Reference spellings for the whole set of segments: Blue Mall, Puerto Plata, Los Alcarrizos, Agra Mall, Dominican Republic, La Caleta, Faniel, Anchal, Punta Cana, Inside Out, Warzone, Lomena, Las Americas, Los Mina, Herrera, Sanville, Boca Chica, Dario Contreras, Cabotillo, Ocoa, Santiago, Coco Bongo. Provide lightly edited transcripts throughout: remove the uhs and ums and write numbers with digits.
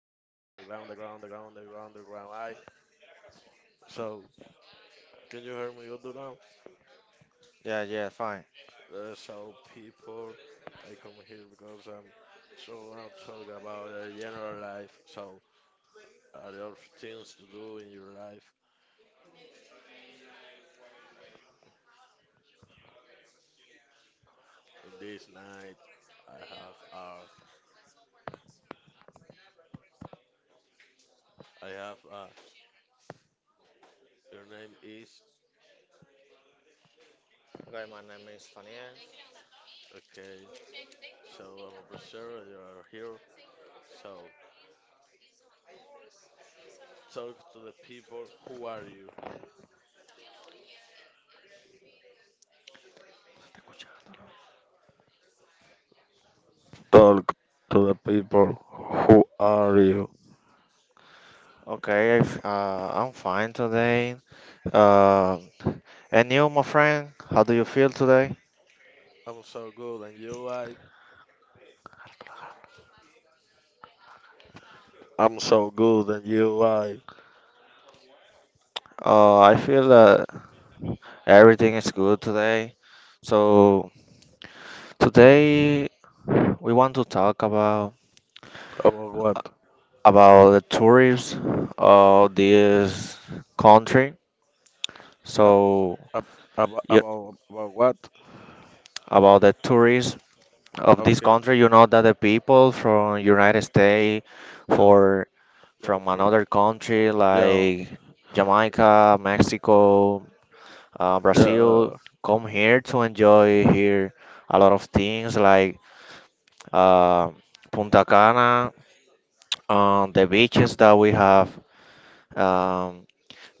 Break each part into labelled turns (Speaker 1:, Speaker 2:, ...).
Speaker 1: Underground, Underground, Underground, Underground, Underground. I so Can you hear me good now?
Speaker 2: Yeah, yeah, fine.
Speaker 1: So people, I come here because I'm so gonna talk about the general life. So are there things to do in your life? In this night, I have uh, I have your name is
Speaker 2: Okay, my name is Faniel.
Speaker 1: okay. So I'm a professor. You are here. So talk to the people. Who are you? Talk to the people, who are you?
Speaker 2: Okay, if, I'm fine today. Uh, and you, my friend, how do you feel today?
Speaker 1: I'm so good and you like. I'm so good and you like.
Speaker 2: I feel that everything is good today. So today we want to talk about
Speaker 1: About what?
Speaker 2: the tourists of this country.
Speaker 1: Ab-
Speaker 2: So
Speaker 1: ab-
Speaker 2: yeah,
Speaker 1: About what?
Speaker 2: about the tourists of this
Speaker 1: Okay,
Speaker 2: country, you know that the people from United States,
Speaker 1: yeah,
Speaker 2: for
Speaker 1: yeah,
Speaker 2: from
Speaker 1: from,
Speaker 2: another country
Speaker 1: yeah,
Speaker 2: like Jamaica, Mexico, Brazil
Speaker 1: yeah.
Speaker 2: come here to enjoy here a lot of things like uh, Punta Cana, the beaches that we have, um,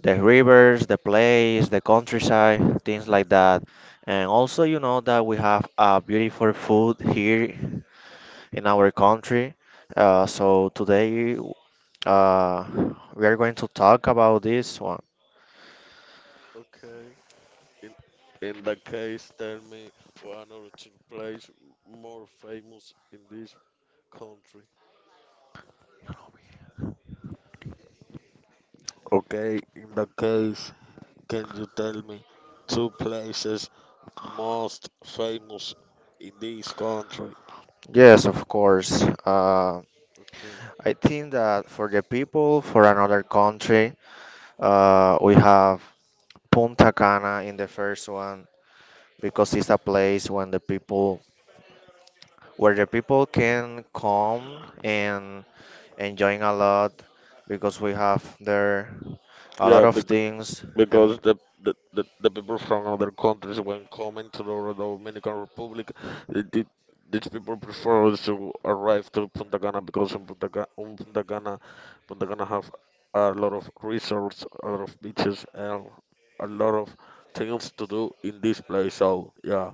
Speaker 2: the rivers, the place, the countryside, things like that. And also, you know that we have beautiful food here in our country. So today uh, we are going to talk about this one.
Speaker 1: Okay. In, in that case, tell me one or two place more famous in this country. Okay. In that case, can you tell me two places most famous in this country?
Speaker 2: Yes, of course.
Speaker 1: Okay.
Speaker 2: I think that for the people for another country, we have Punta Cana in the first one because it's a place when the people where the people can come and enjoying a lot because we have there a lot
Speaker 1: Yeah,
Speaker 2: of
Speaker 1: bec-
Speaker 2: things.
Speaker 1: because the people from other countries when coming to the Dominican Republic, they, did these people prefer to arrive to Punta Cana because in Punta Cana, Punta Cana have a lot of resorts, a lot of beaches, and a lot of things to do in this place. So yeah,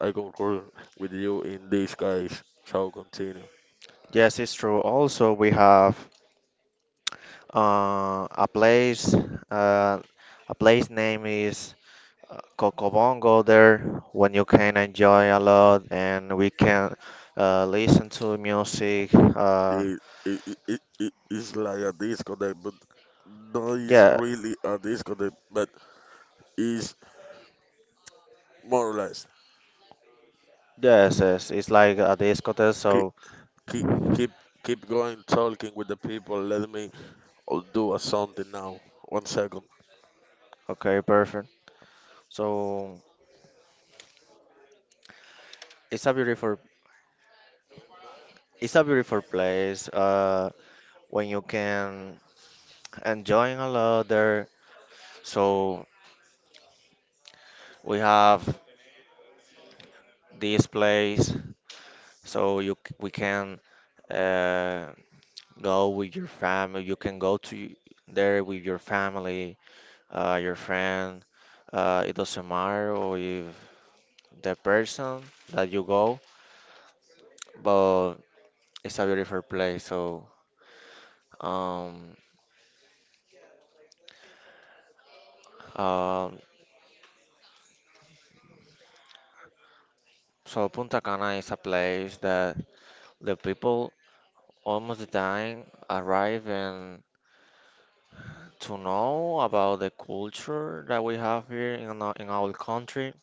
Speaker 1: I concur with you in this case. So continue.
Speaker 2: Yes, it's true. Also, we have a place. Uh, a place name is Coco Bongo there when you can enjoy a lot and we can listen to music.
Speaker 1: It, it, it's like a disconnect, but no, it's
Speaker 2: Yeah,
Speaker 1: really a disconnect, but it's more or less.
Speaker 2: yes, it's like a discotheque.
Speaker 1: keep
Speaker 2: So
Speaker 1: keep keep keep going talking with the people. Let me do a something now. One second.
Speaker 2: okay, perfect. So it's a beautiful, it's a beautiful place. When you can enjoy a lot there. So we have this place. So we can uh, go with your family. You can go to there with your family your friend. It doesn't matter or if the person that you go, but it's a beautiful place. Um, um, so Punta Cana is a place that the people almost the time arrive and to know about the culture that we have here in our country,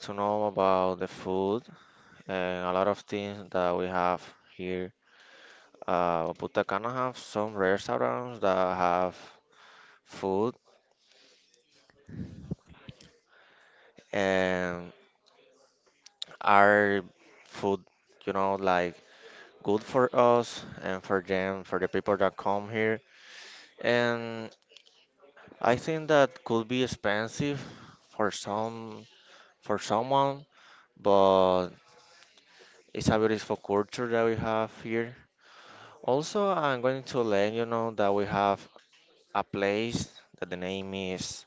Speaker 2: to know about the food and a lot of things that we have here. Punta Cana have some restaurants that have food and are food, you know, like good for us and for them, for the people that come here. And I think that could be expensive for some for someone, but it's a beautiful culture that we have here. Also, I'm going to let you know that we have a place that the name is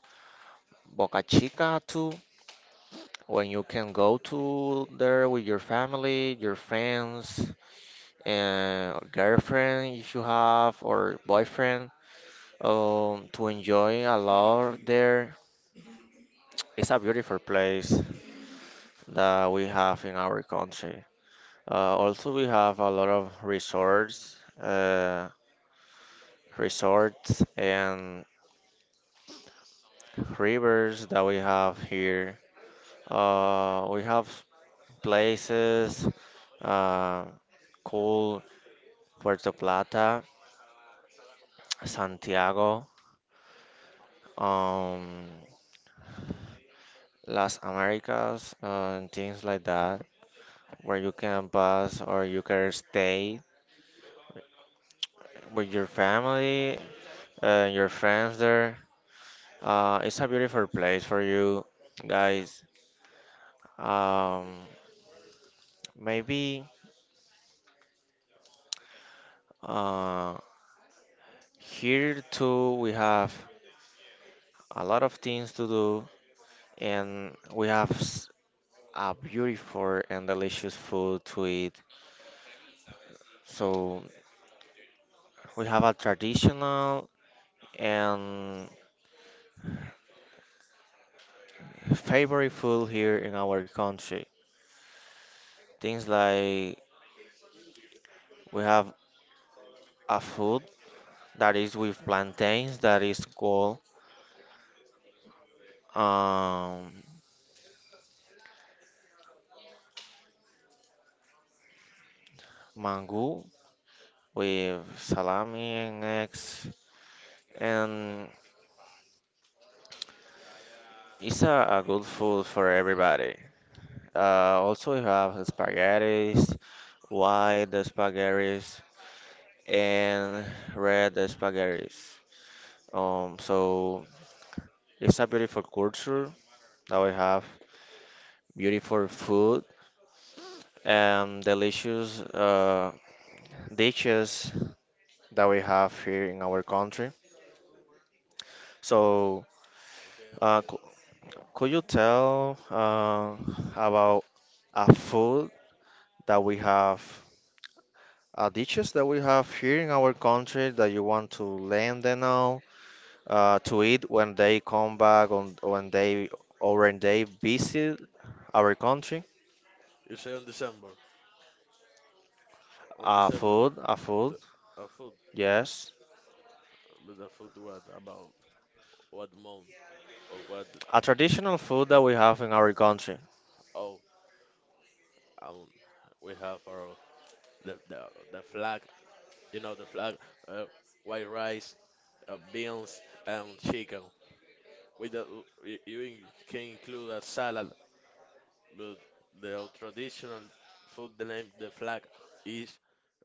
Speaker 2: Boca Chica too, when you can go to there with your family, your friends, and girlfriend if you have or boyfriend to enjoy a lot there. It's a beautiful place that we have in our country. Also, we have a lot of resorts, resorts and rivers that we have here. We have places, uh, cool Puerto Plata, Santiago. Um, Las Americas and things like that, where you can pass or you can stay with your family and your friends there. It's a beautiful place for you guys. Um, maybe uh, Here too we have a lot of things to do and a beautiful and delicious food to eat. So we have a traditional and favorite food here in our country. Things like we have a food that is with plantains that is called um, mango with salami and eggs, and it's a good food for everybody. Uh, Also, we have spaghettis, white spaghettis, and red spaghettis. So it's a beautiful culture that we have, beautiful food and delicious dishes that we have here in our country. So, uh, c- could you tell about a food that we have, dishes that we have here in our country that you want to let them know to eat when they come back on when they or when they visit our country?
Speaker 1: You say on December, on December the,
Speaker 2: A
Speaker 1: the
Speaker 2: food,
Speaker 1: a food,
Speaker 2: yes,
Speaker 1: but the food what about what month or what?
Speaker 2: a traditional food that we have in our country.
Speaker 1: Oh, um, we have our the the, the flag. You know the flag. Uh, White rice, beans, and chicken. With the, you in- can include a salad, but the traditional food named the flag is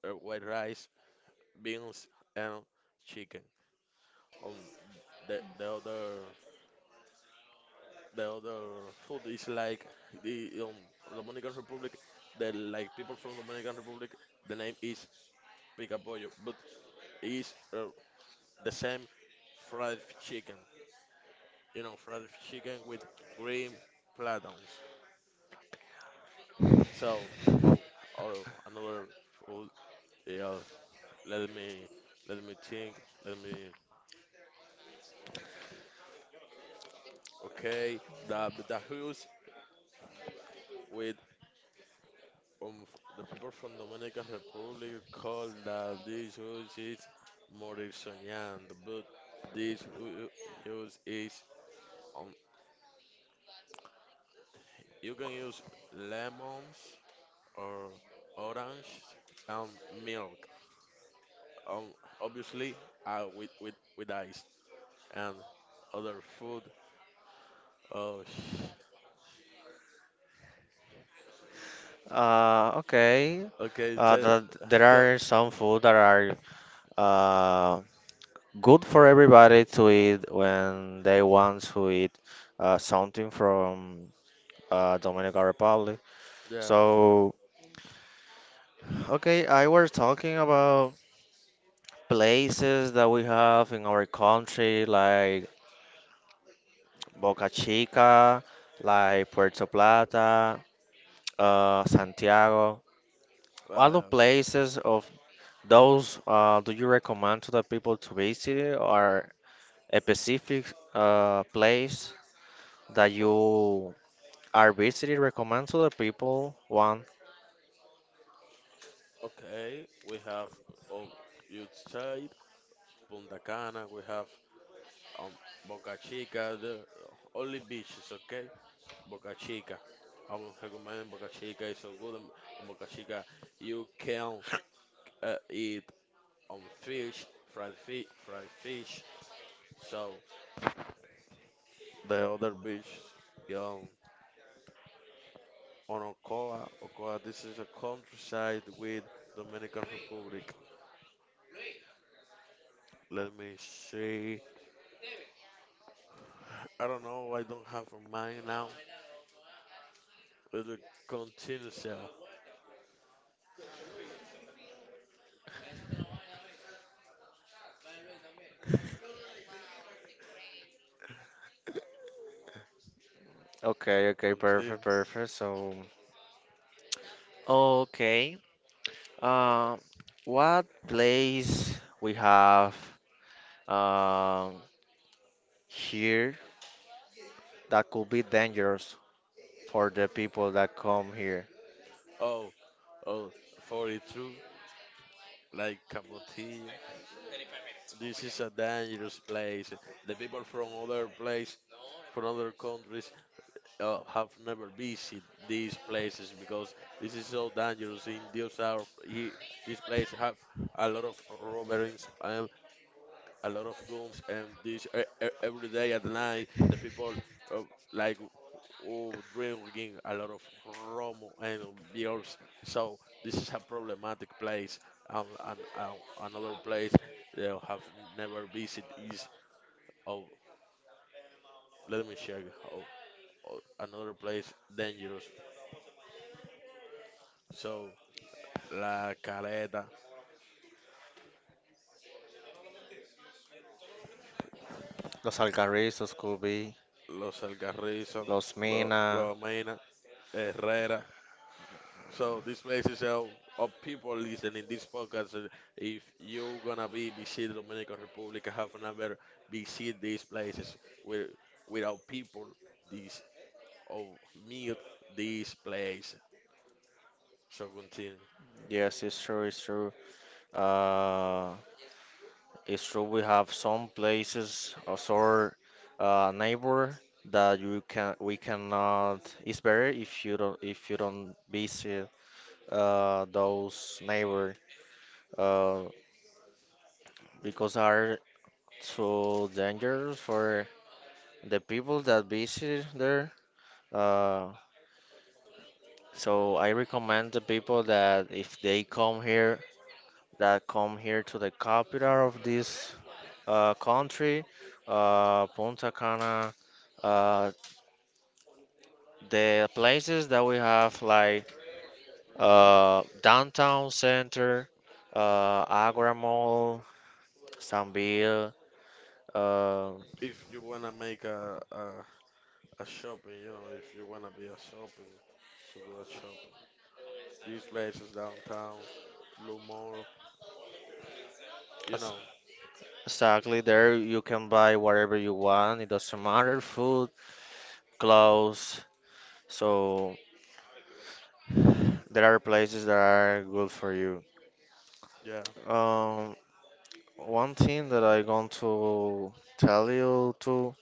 Speaker 1: white rice, beans, and chicken. Um, the the other the other food is like the Dominican Republic. The like people from Dominican Republic, the name is picapollo, but is the same fried chicken. You know, fried chicken with green plantains. So, oh, oh, another food. Yeah, let me, let me think. Let me. Okay, the tacos with the people from Dominican Republic call the dish which is morisonando, but this use is um you can use lemons or orange and milk. Um, obviously, with with ice and other food. Oh.
Speaker 2: Okay.
Speaker 1: Okay, so
Speaker 2: There
Speaker 1: go,
Speaker 2: are some food that are uh, good for everybody to eat when they want to eat something from Dominican Republic.
Speaker 1: yeah,
Speaker 2: So, okay, I was talking about places that we have in our country, like Boca Chica, like Puerto Plata, Santiago,
Speaker 1: wow,
Speaker 2: all the
Speaker 1: yeah.
Speaker 2: places. Those do you recommend to the people to visit or a specific place that
Speaker 1: Oh,
Speaker 2: you are visiting? Recommend to the people one.
Speaker 1: okay, we have on youth side, Punta Cana, we have um Boca Chica, the only beaches, okay? Boca Chica. I would recommend Boca Chica. It's so good on Boca Chica. You can eat fish, fried fish. So the other beach, um, on Ocoa. This is a countryside with Dominican Republic. Let me see. I don't know. I don't have a mind now. It'll continue cell.
Speaker 2: Okay, okay,
Speaker 1: Continue.
Speaker 2: perfect, perfect. So, okay. Uh, what place we have um here that could be dangerous for the people that come here?
Speaker 1: Oh, oh, 42, like Cabotillo. This is a dangerous place. The people from other place, from other countries, have never visited these places because this is so dangerous. In these, are, he, this place have a lot of robberies and a lot of guns, and this every day at night, the people uh, like oh, drinking a lot of rum and beers. So this is a problematic place. And another place they have never visited is oh, let me check oh, oh, another place dangerous. So La Caleta,
Speaker 2: Los Alcarrizos could be,
Speaker 1: Los Alcarrizos,
Speaker 2: Los Mina.
Speaker 1: Lomena, Herrera. So this place is of people listening this podcast. If you gonna be visit Dominican Republic, have another visit these places with without people. This or meet this place. So continue.
Speaker 2: Yes, it's true, it's true. Uh, It's true we have some places as our neighbor that you can we cannot. It's better if you don't visit those neighbor uh, because are too dangerous for the people that visit there. Uh, so I recommend the people that if they come here that come here to the capital of this country, Punta Cana. Uh, the places that we have like downtown center, Agra Mall, Sanville. Uh,
Speaker 1: If you wanna make a shopping, you know, if you wanna be a shopping, so do a shopping. These places downtown, Blue Mall, you
Speaker 2: ex-
Speaker 1: know,
Speaker 2: exactly there you can buy whatever you want. It doesn't matter, food, clothes. So there are places that are good for you.
Speaker 1: yeah,
Speaker 2: Um, One thing that I want to tell you too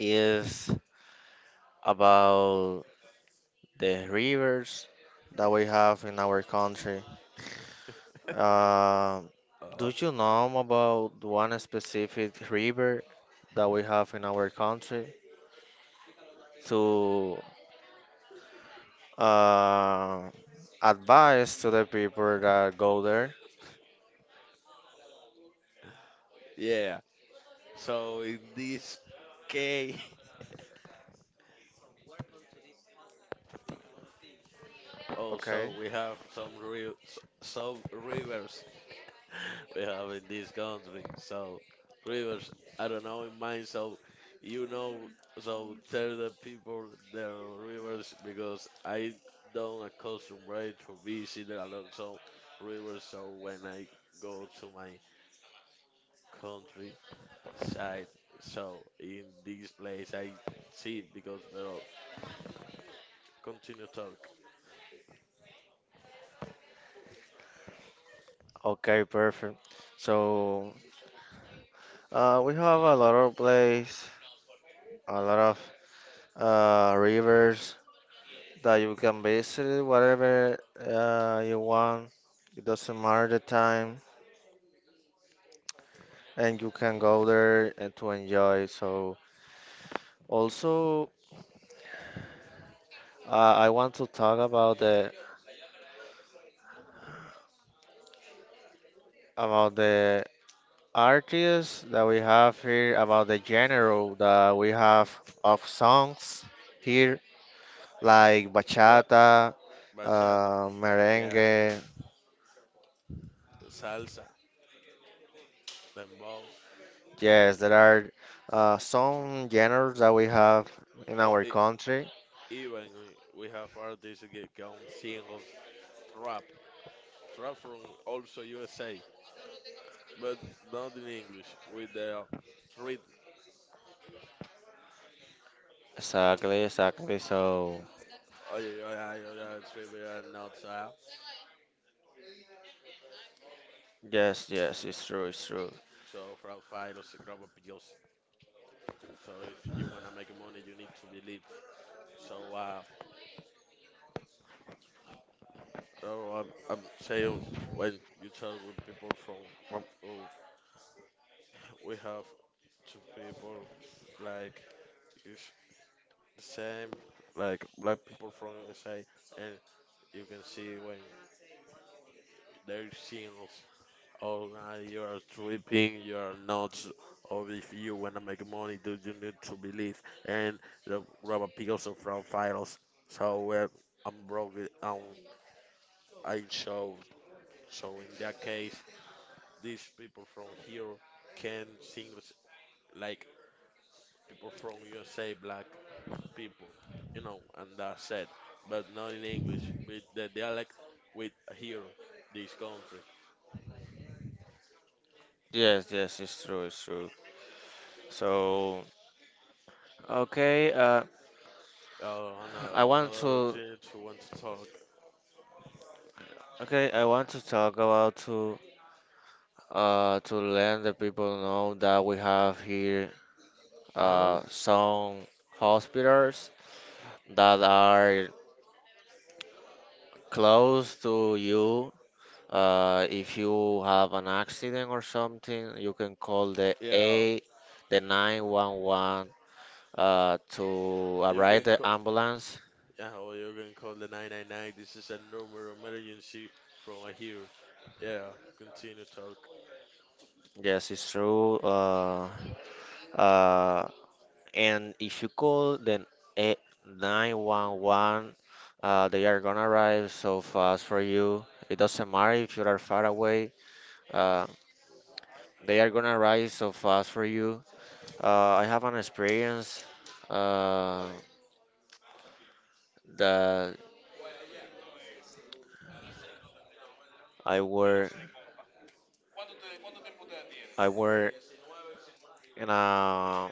Speaker 2: is about the rivers that we have in our country. Uh,
Speaker 1: uh,
Speaker 2: do you know about one specific river that we have in our country to uh, advise to the people that go there?
Speaker 1: yeah. So in this case. Oh, so
Speaker 2: Okay.
Speaker 1: we have some real some rivers we have in this country. So rivers, I don't know in mine. So you know, so tell the people their rivers because I don't accustomed to visit a lot of rivers. So when I go to my countryside, so in this place I see because but continue talk.
Speaker 2: Okay, perfect. So we have a lot of place, a lot of rivers that you can visit whatever you want. It doesn't matter the time, and you can go there and to enjoy. So also I want to talk about the artists that we have here, about the genre that we have of songs here, like
Speaker 1: What
Speaker 2: bachata,
Speaker 1: bachata?
Speaker 2: uh,
Speaker 1: Yeah,
Speaker 2: merengue.
Speaker 1: salsa, dembow.
Speaker 2: Yes, there are
Speaker 1: tr-
Speaker 2: some genres
Speaker 1: uh,
Speaker 2: that we have in
Speaker 1: oh,
Speaker 2: our
Speaker 1: e-
Speaker 2: country.
Speaker 1: Even we have artists get come singles trap trap from also USA, but not in English with the rhythm.
Speaker 2: Exactly, exactly. So,
Speaker 1: Oh yeah, yeah, yeah, yeah, it's trivia notes,
Speaker 2: yes, yes, it's true, it's true.
Speaker 1: so for files, grab up yours. So if you wanna make money, you need to believe. So I'm saying when you talk with people from, oh, we have two people like you the same, like black people from USA, and you can see when they're singles all night, you are tripping, you are nuts. Or if you wanna make money, do you need to believe? And the rubber pills are from files. So well, I'm broke. It, um, I show. So in that case, these people from here can sing like people from USA black people, you know, and that's it. But not in English, with the dialect with a hero, this country.
Speaker 2: Yes, yes, it's true, it's true. So, okay, I
Speaker 1: Oh,
Speaker 2: want
Speaker 1: another
Speaker 2: to
Speaker 1: gent who want to talk.
Speaker 2: Okay, I want to talk about to let the people know that we have here
Speaker 1: Huh?
Speaker 2: some hospitals that are close to you. If you have an accident or something, you can call
Speaker 1: Yeah,
Speaker 2: The 911 to
Speaker 1: you
Speaker 2: arrive
Speaker 1: can
Speaker 2: the
Speaker 1: call.
Speaker 2: ambulance.
Speaker 1: Yeah, or you can call the 999. This is a normal emergency from a hero. Yeah, continue talk.
Speaker 2: Yes, it's true. Uh, and if you call then eh, 911 they are gonna arrive so fast for you. It doesn't matter if you are far away, uh, they are gonna arrive so fast for you. uh, I have an experience uh, that i were i were in a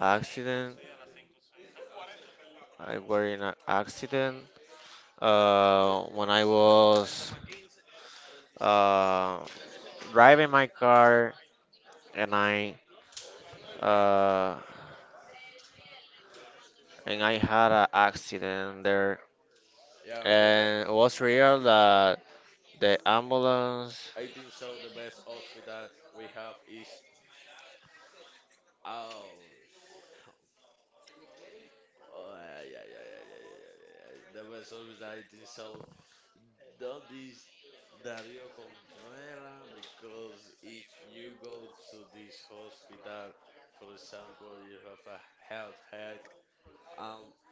Speaker 2: accident I were in an accident when I was uh, driving my car and i uh, and I had an accident there,
Speaker 1: Yeah, the be-
Speaker 2: and it was real that the ambulance.
Speaker 1: I think so. The best hospital we have is ours. Oh, yeah, yeah, yeah, yeah, yeah, yeah, yeah, yeah. The best hospital I think so that is Dario Contreras because if you go to this hospital, for example, you have a health hack. Um,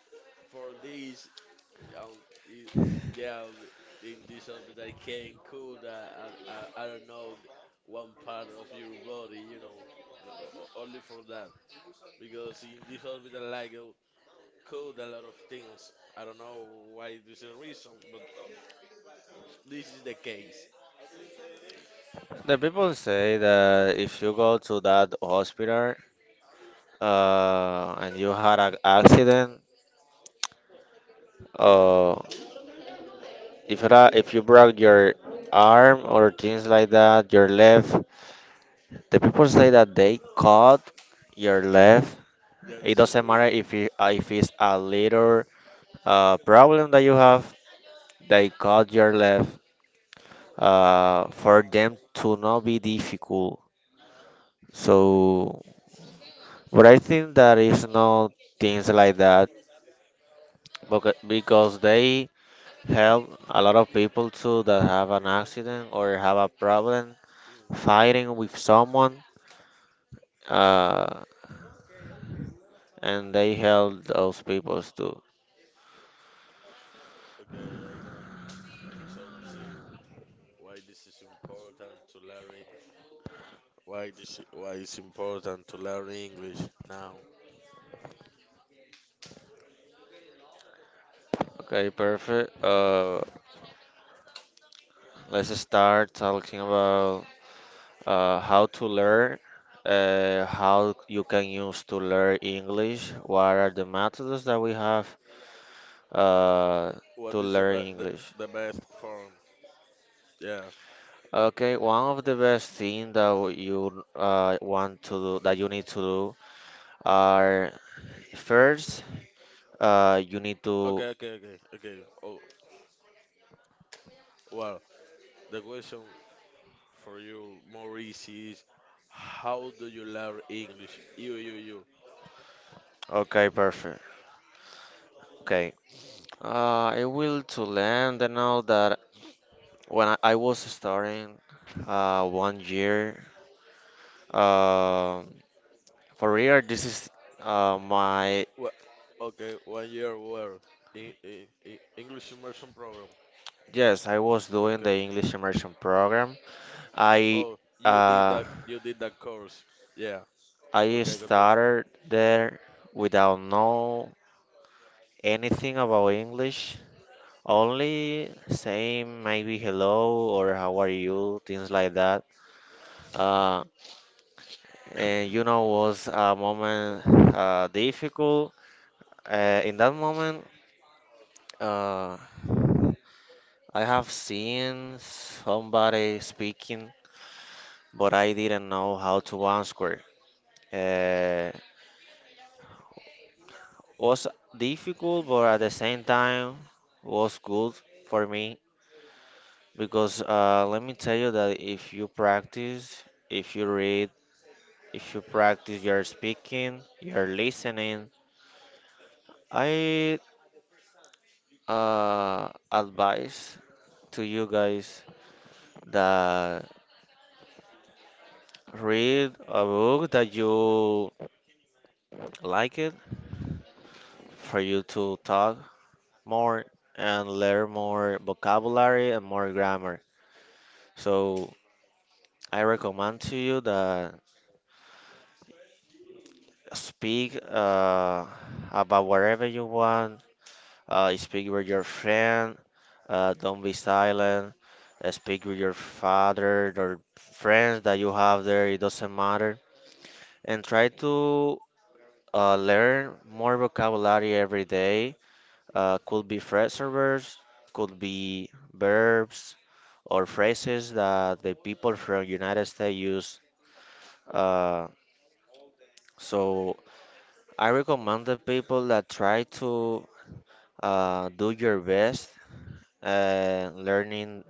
Speaker 1: for this, um, it, yeah, in this hospital can cool that I don't know one part of your body, you know, only for that because in this hospital like code a lot of things. I don't know why this is a reason, but this is the case.
Speaker 2: The people say that if you go to that hospital, and you had an accident, uh, if you broke your arm or things like that, your left, the people say that they cut your left.
Speaker 1: Yeah,
Speaker 2: It
Speaker 1: this is
Speaker 2: doesn't matter
Speaker 1: really.
Speaker 2: if you, if it's a little problem that you have, they cut your left for them to not be difficult. So, but I think that is not things like that because they help a lot of people too that have an accident or have a problem fighting with someone, uh, and they help those people too.
Speaker 1: Okay, I'm gonna talk to why this is important to learn. Why this? Why it's important to learn English now?
Speaker 2: Okay, perfect. Let's start talking about how to learn, how you can use to learn English, what are the methods that we have uh, to
Speaker 1: What is
Speaker 2: learn English.
Speaker 1: the best form? Yeah.
Speaker 2: Okay, one of the best thing that w- you want to do, that you need to do are first, you need to,
Speaker 1: Okay. Okay. Okay. Okay. Oh well. The question for you more easy is, how do you learn English? You.
Speaker 2: okay, perfect. Okay, I will to learn the know that when I was starting 1 year, uh, for real, this is my
Speaker 1: What? Okay. One year where in English immersion program.
Speaker 2: yes. I was doing the
Speaker 1: Okay.
Speaker 2: English immersion program. I
Speaker 1: Oh, you did
Speaker 2: uh,
Speaker 1: that. You did that course. Yeah.
Speaker 2: I
Speaker 1: Okay. Continue.
Speaker 2: started there without know anything about English. Only saying maybe hello or how are you, things like that. Uh, and you know was a moment difficult. In that moment, uh, I have seen somebody speaking but I didn't know how to unsquare. Uh, was difficult, but at the same time was good for me because let me tell you that if you practice, if you read, if you practice your speaking, your listening, I advise to you guys that read a book that you like it for you to talk more and learn more vocabulary and more grammar. So I recommend to you that speak about whatever you want. Speak with your friend. Don't be silent. Speak with your father or friends that you have there. It doesn't matter. And try to learn more vocabulary every day. Could be phrase servers, could be verbs or phrases that the people from United States use. Uh, so I recommend the people that try to do your best learning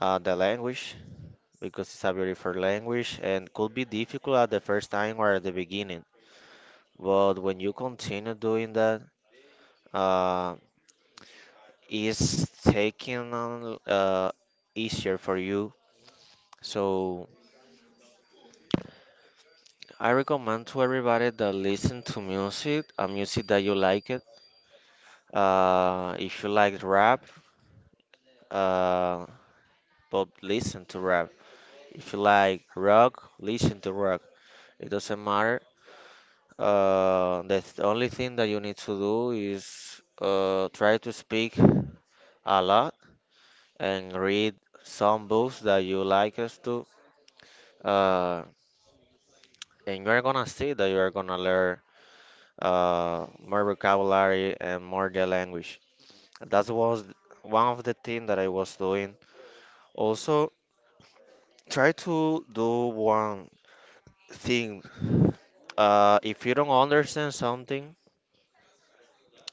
Speaker 2: the language because it's a beautiful language and could be difficult at the first time or at the beginning. But when you continue doing that, uh, it's taking on easier for you. So I recommend to everybody that listen to music, a music that you like it. If you like rap, uh, but listen to rap. If you like rock, listen to rock. It doesn't matter. Only thing that you need to do is try to speak a lot and read some books that you like us to. Uh, and you're gonna see that you are gonna learn more vocabulary and more the language. That was one of the things that I was doing. Also, try to do one thing. If you don't understand something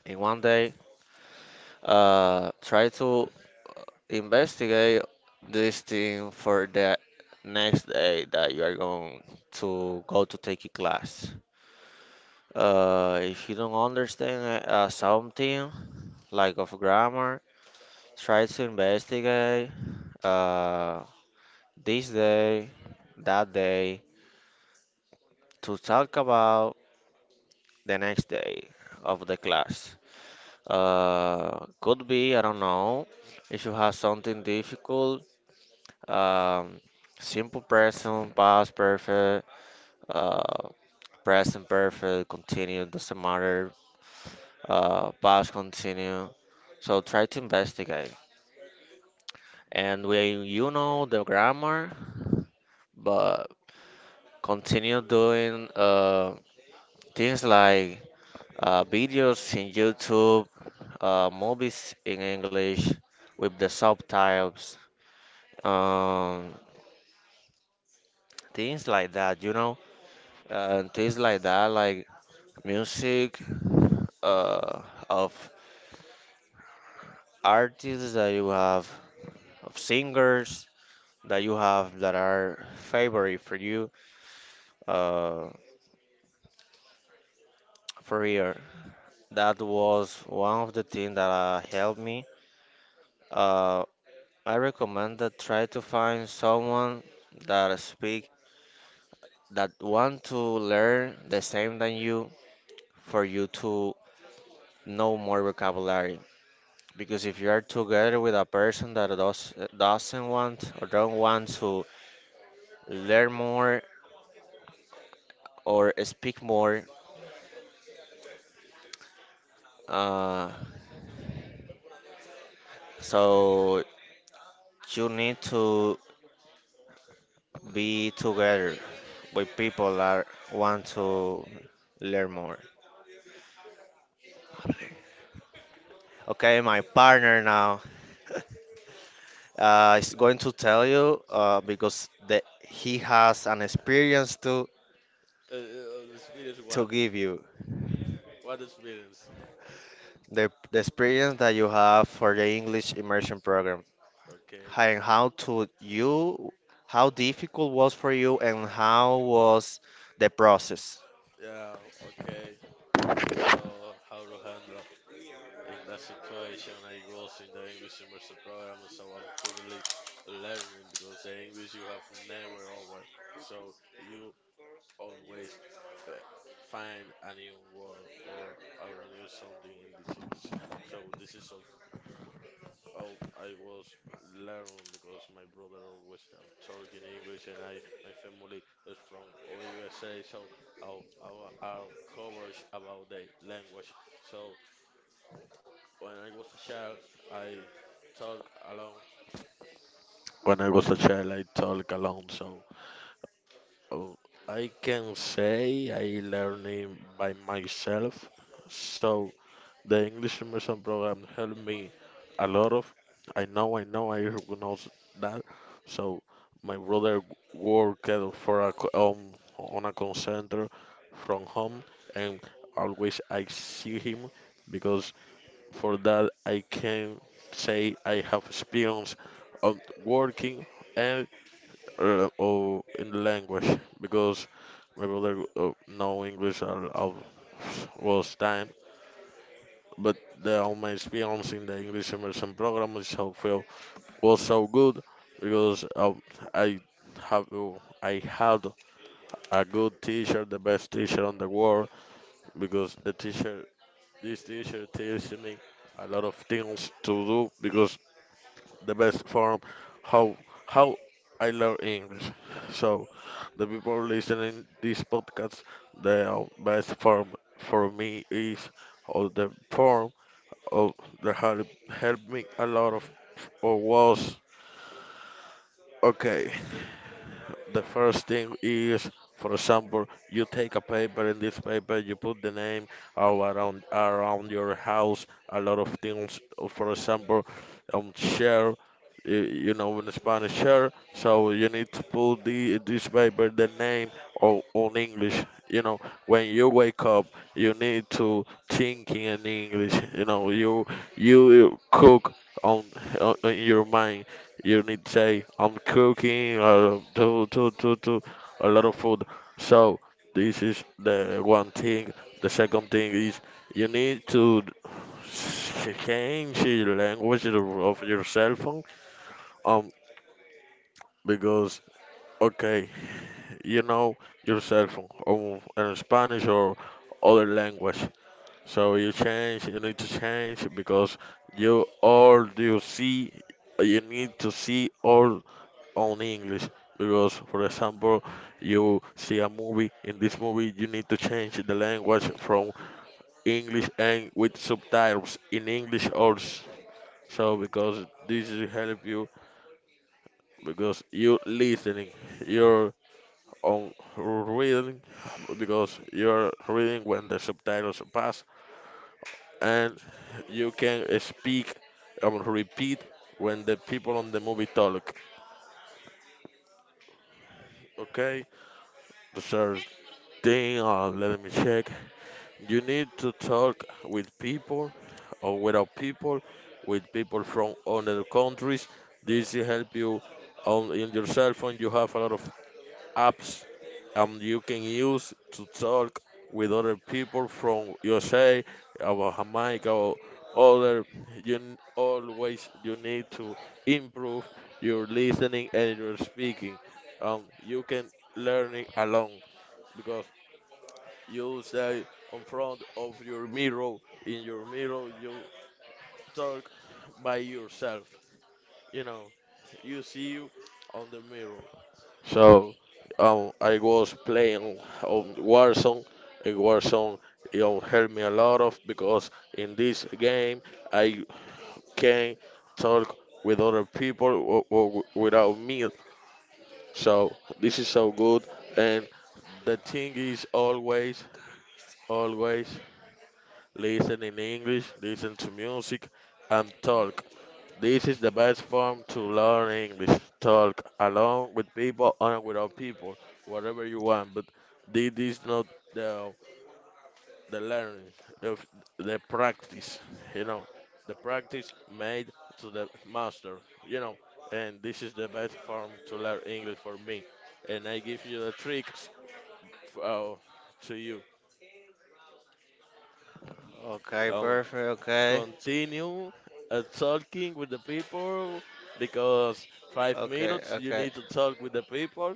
Speaker 2: in one day, try to investigate this thing for the next day that you are going to go to take a class. If you don't understand something like of grammar, try to investigate uh, this day, that day to talk about the next day of the class. Could be, I don't know, if you have something difficult, um, simple present, past perfect, uh, present perfect, continue, doesn't matter, past continue. So try to investigate. And when you know the grammar, but continue doing things like videos in YouTube, movies in English with the subtitles, um, things like that, you know, things like that, like music uh, of artists that you have, of singers that you have that are favorite for you uh, for here. That was one of the things that helped me. Uh, I recommend that try to find someone that speak that want to learn the same than you for you to know more vocabulary. Because if you are together with a person that doesn't want or don't want to learn more or speak more, uh, so you need to be together with people that want to learn more. Okay, my partner now. Is going to tell you because he has an experience
Speaker 1: Uh, uh, the experience
Speaker 2: to
Speaker 1: what?
Speaker 2: give you
Speaker 1: What experience?
Speaker 2: the experience that you have for the English immersion program
Speaker 1: Okay.
Speaker 2: hi- and how to you how difficult was for you and how was the process.
Speaker 1: Yeah, okay. So how to handle in that situation? I was in the English immersion program, so I'm currently learning because the English you have never over. So you always uh, find a new word or a new something in this English. So this is so. Oh, I was learning because my brother always talk in English, and I, my family is from all USA, so our coverage about the language. So when I was a child, I talk alone. When I was a child, I talk alone. So oh, I can say I learning by myself. So the English immersion program helped me a lot of. I recognize that. So my brother worked for a on a call center from home, and always I see him because for that I can say I have experience of working and or in the language because my brother know English all was time, but the, on experience in the English immersion program is so feel was so good because I have I had a good teacher, the best teacher on the world, because the teacher this teacher teaches me a lot of things to do because the best form how how I learn English. So the people listening this podcast, the best form for me is or the form oh, that had helped me a lot of was okay. The first thing is, for example, you take a paper. In this paper, you put the name of around your house. A lot of things. For example, share. You know, in Spanish, share. So you need to put the this paper the name or on English. You know, when you wake up, you need to thinking in English. You know, you cook on, on in your mind you need to say, I'm cooking or do do do do a lot of food. So this is the one thing. The second thing is you need to change the language of your cell phone. Um, because okay, you know your cell phone in Spanish or other language. So you change. You need to change because you all you see. You need to see all on English because, for example, you see a movie. In this movie, you need to change the language from English and with subtitles in English also. So because this will help you because you listening, you're on reading because you're reading when the subtitles pass, and you can speak repeat when the people on the movie talk. Okay, the third thing. Let me check. You need to talk with people or without people, with people from other countries. This will help you on in your cell phone. You have a lot of apps you can use to talk with other people from USA, or Jamaica, or other. Always you need to improve your listening and your speaking. You can learning alone because you say in front of your mirror. In your mirror, you talk by yourself. You know, you see you on the mirror. So, I was playing on Warzone. In Warzone, you know, helped me a lot of because in this game I can talk with other people without me. So this is so good, and the thing is always, always listen in English, listen to music, and talk. This is the best form to learn English. Talk along with people or without people, whatever you want. But this is not the learning, the, the practice. You know, the practice made to the master. You know, and this is the best form to learn English for me. And I give you the tricks for, to you.
Speaker 2: Okay,
Speaker 1: Um,
Speaker 2: perfect. Okay,
Speaker 1: Continue talking with the people because five
Speaker 2: okay,
Speaker 1: minutes you
Speaker 2: okay,
Speaker 1: need to talk with the people.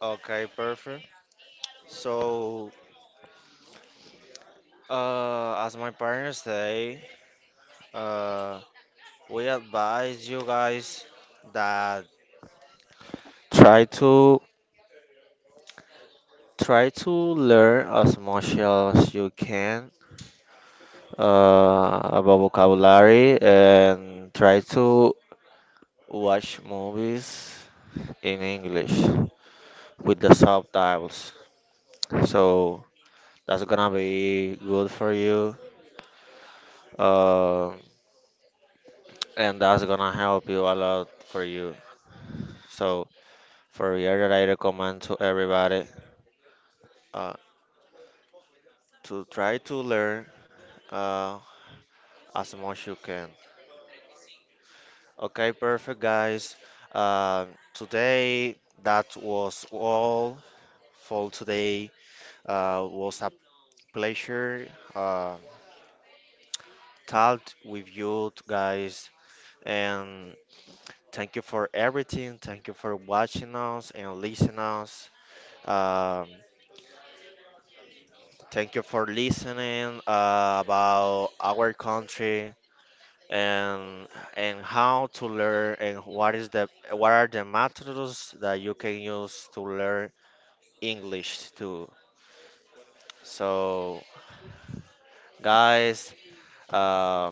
Speaker 2: okay, perfect. So, as my parents say, uh, we advise you guys that Try to try to learn as much as you can about vocabulary and try to watch movies in English with the subtitles. So that's gonna be good for you, uh, and that's gonna help you a lot for you. So for real, that I recommend to everybody uh, to try to learn uh, as much you can. Okay, perfect, guys. Today, that was all for today. Was a pleasure uh, talk with you guys, and thank you for everything. Thank you for watching us and listening us. Um, Thank you for listening about our country and how to learn and what is the what are the methods that you can use to learn English too. So, guys, uh,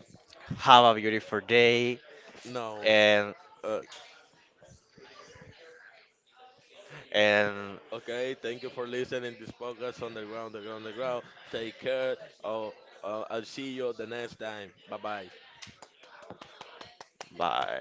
Speaker 2: have a beautiful day
Speaker 1: No.
Speaker 2: and
Speaker 1: Uh,
Speaker 2: and
Speaker 1: okay, thank you for listening this podcast on the ground, underground, the ground. Take care. Oh, I'll see you the next time. Bye bye.
Speaker 2: bye.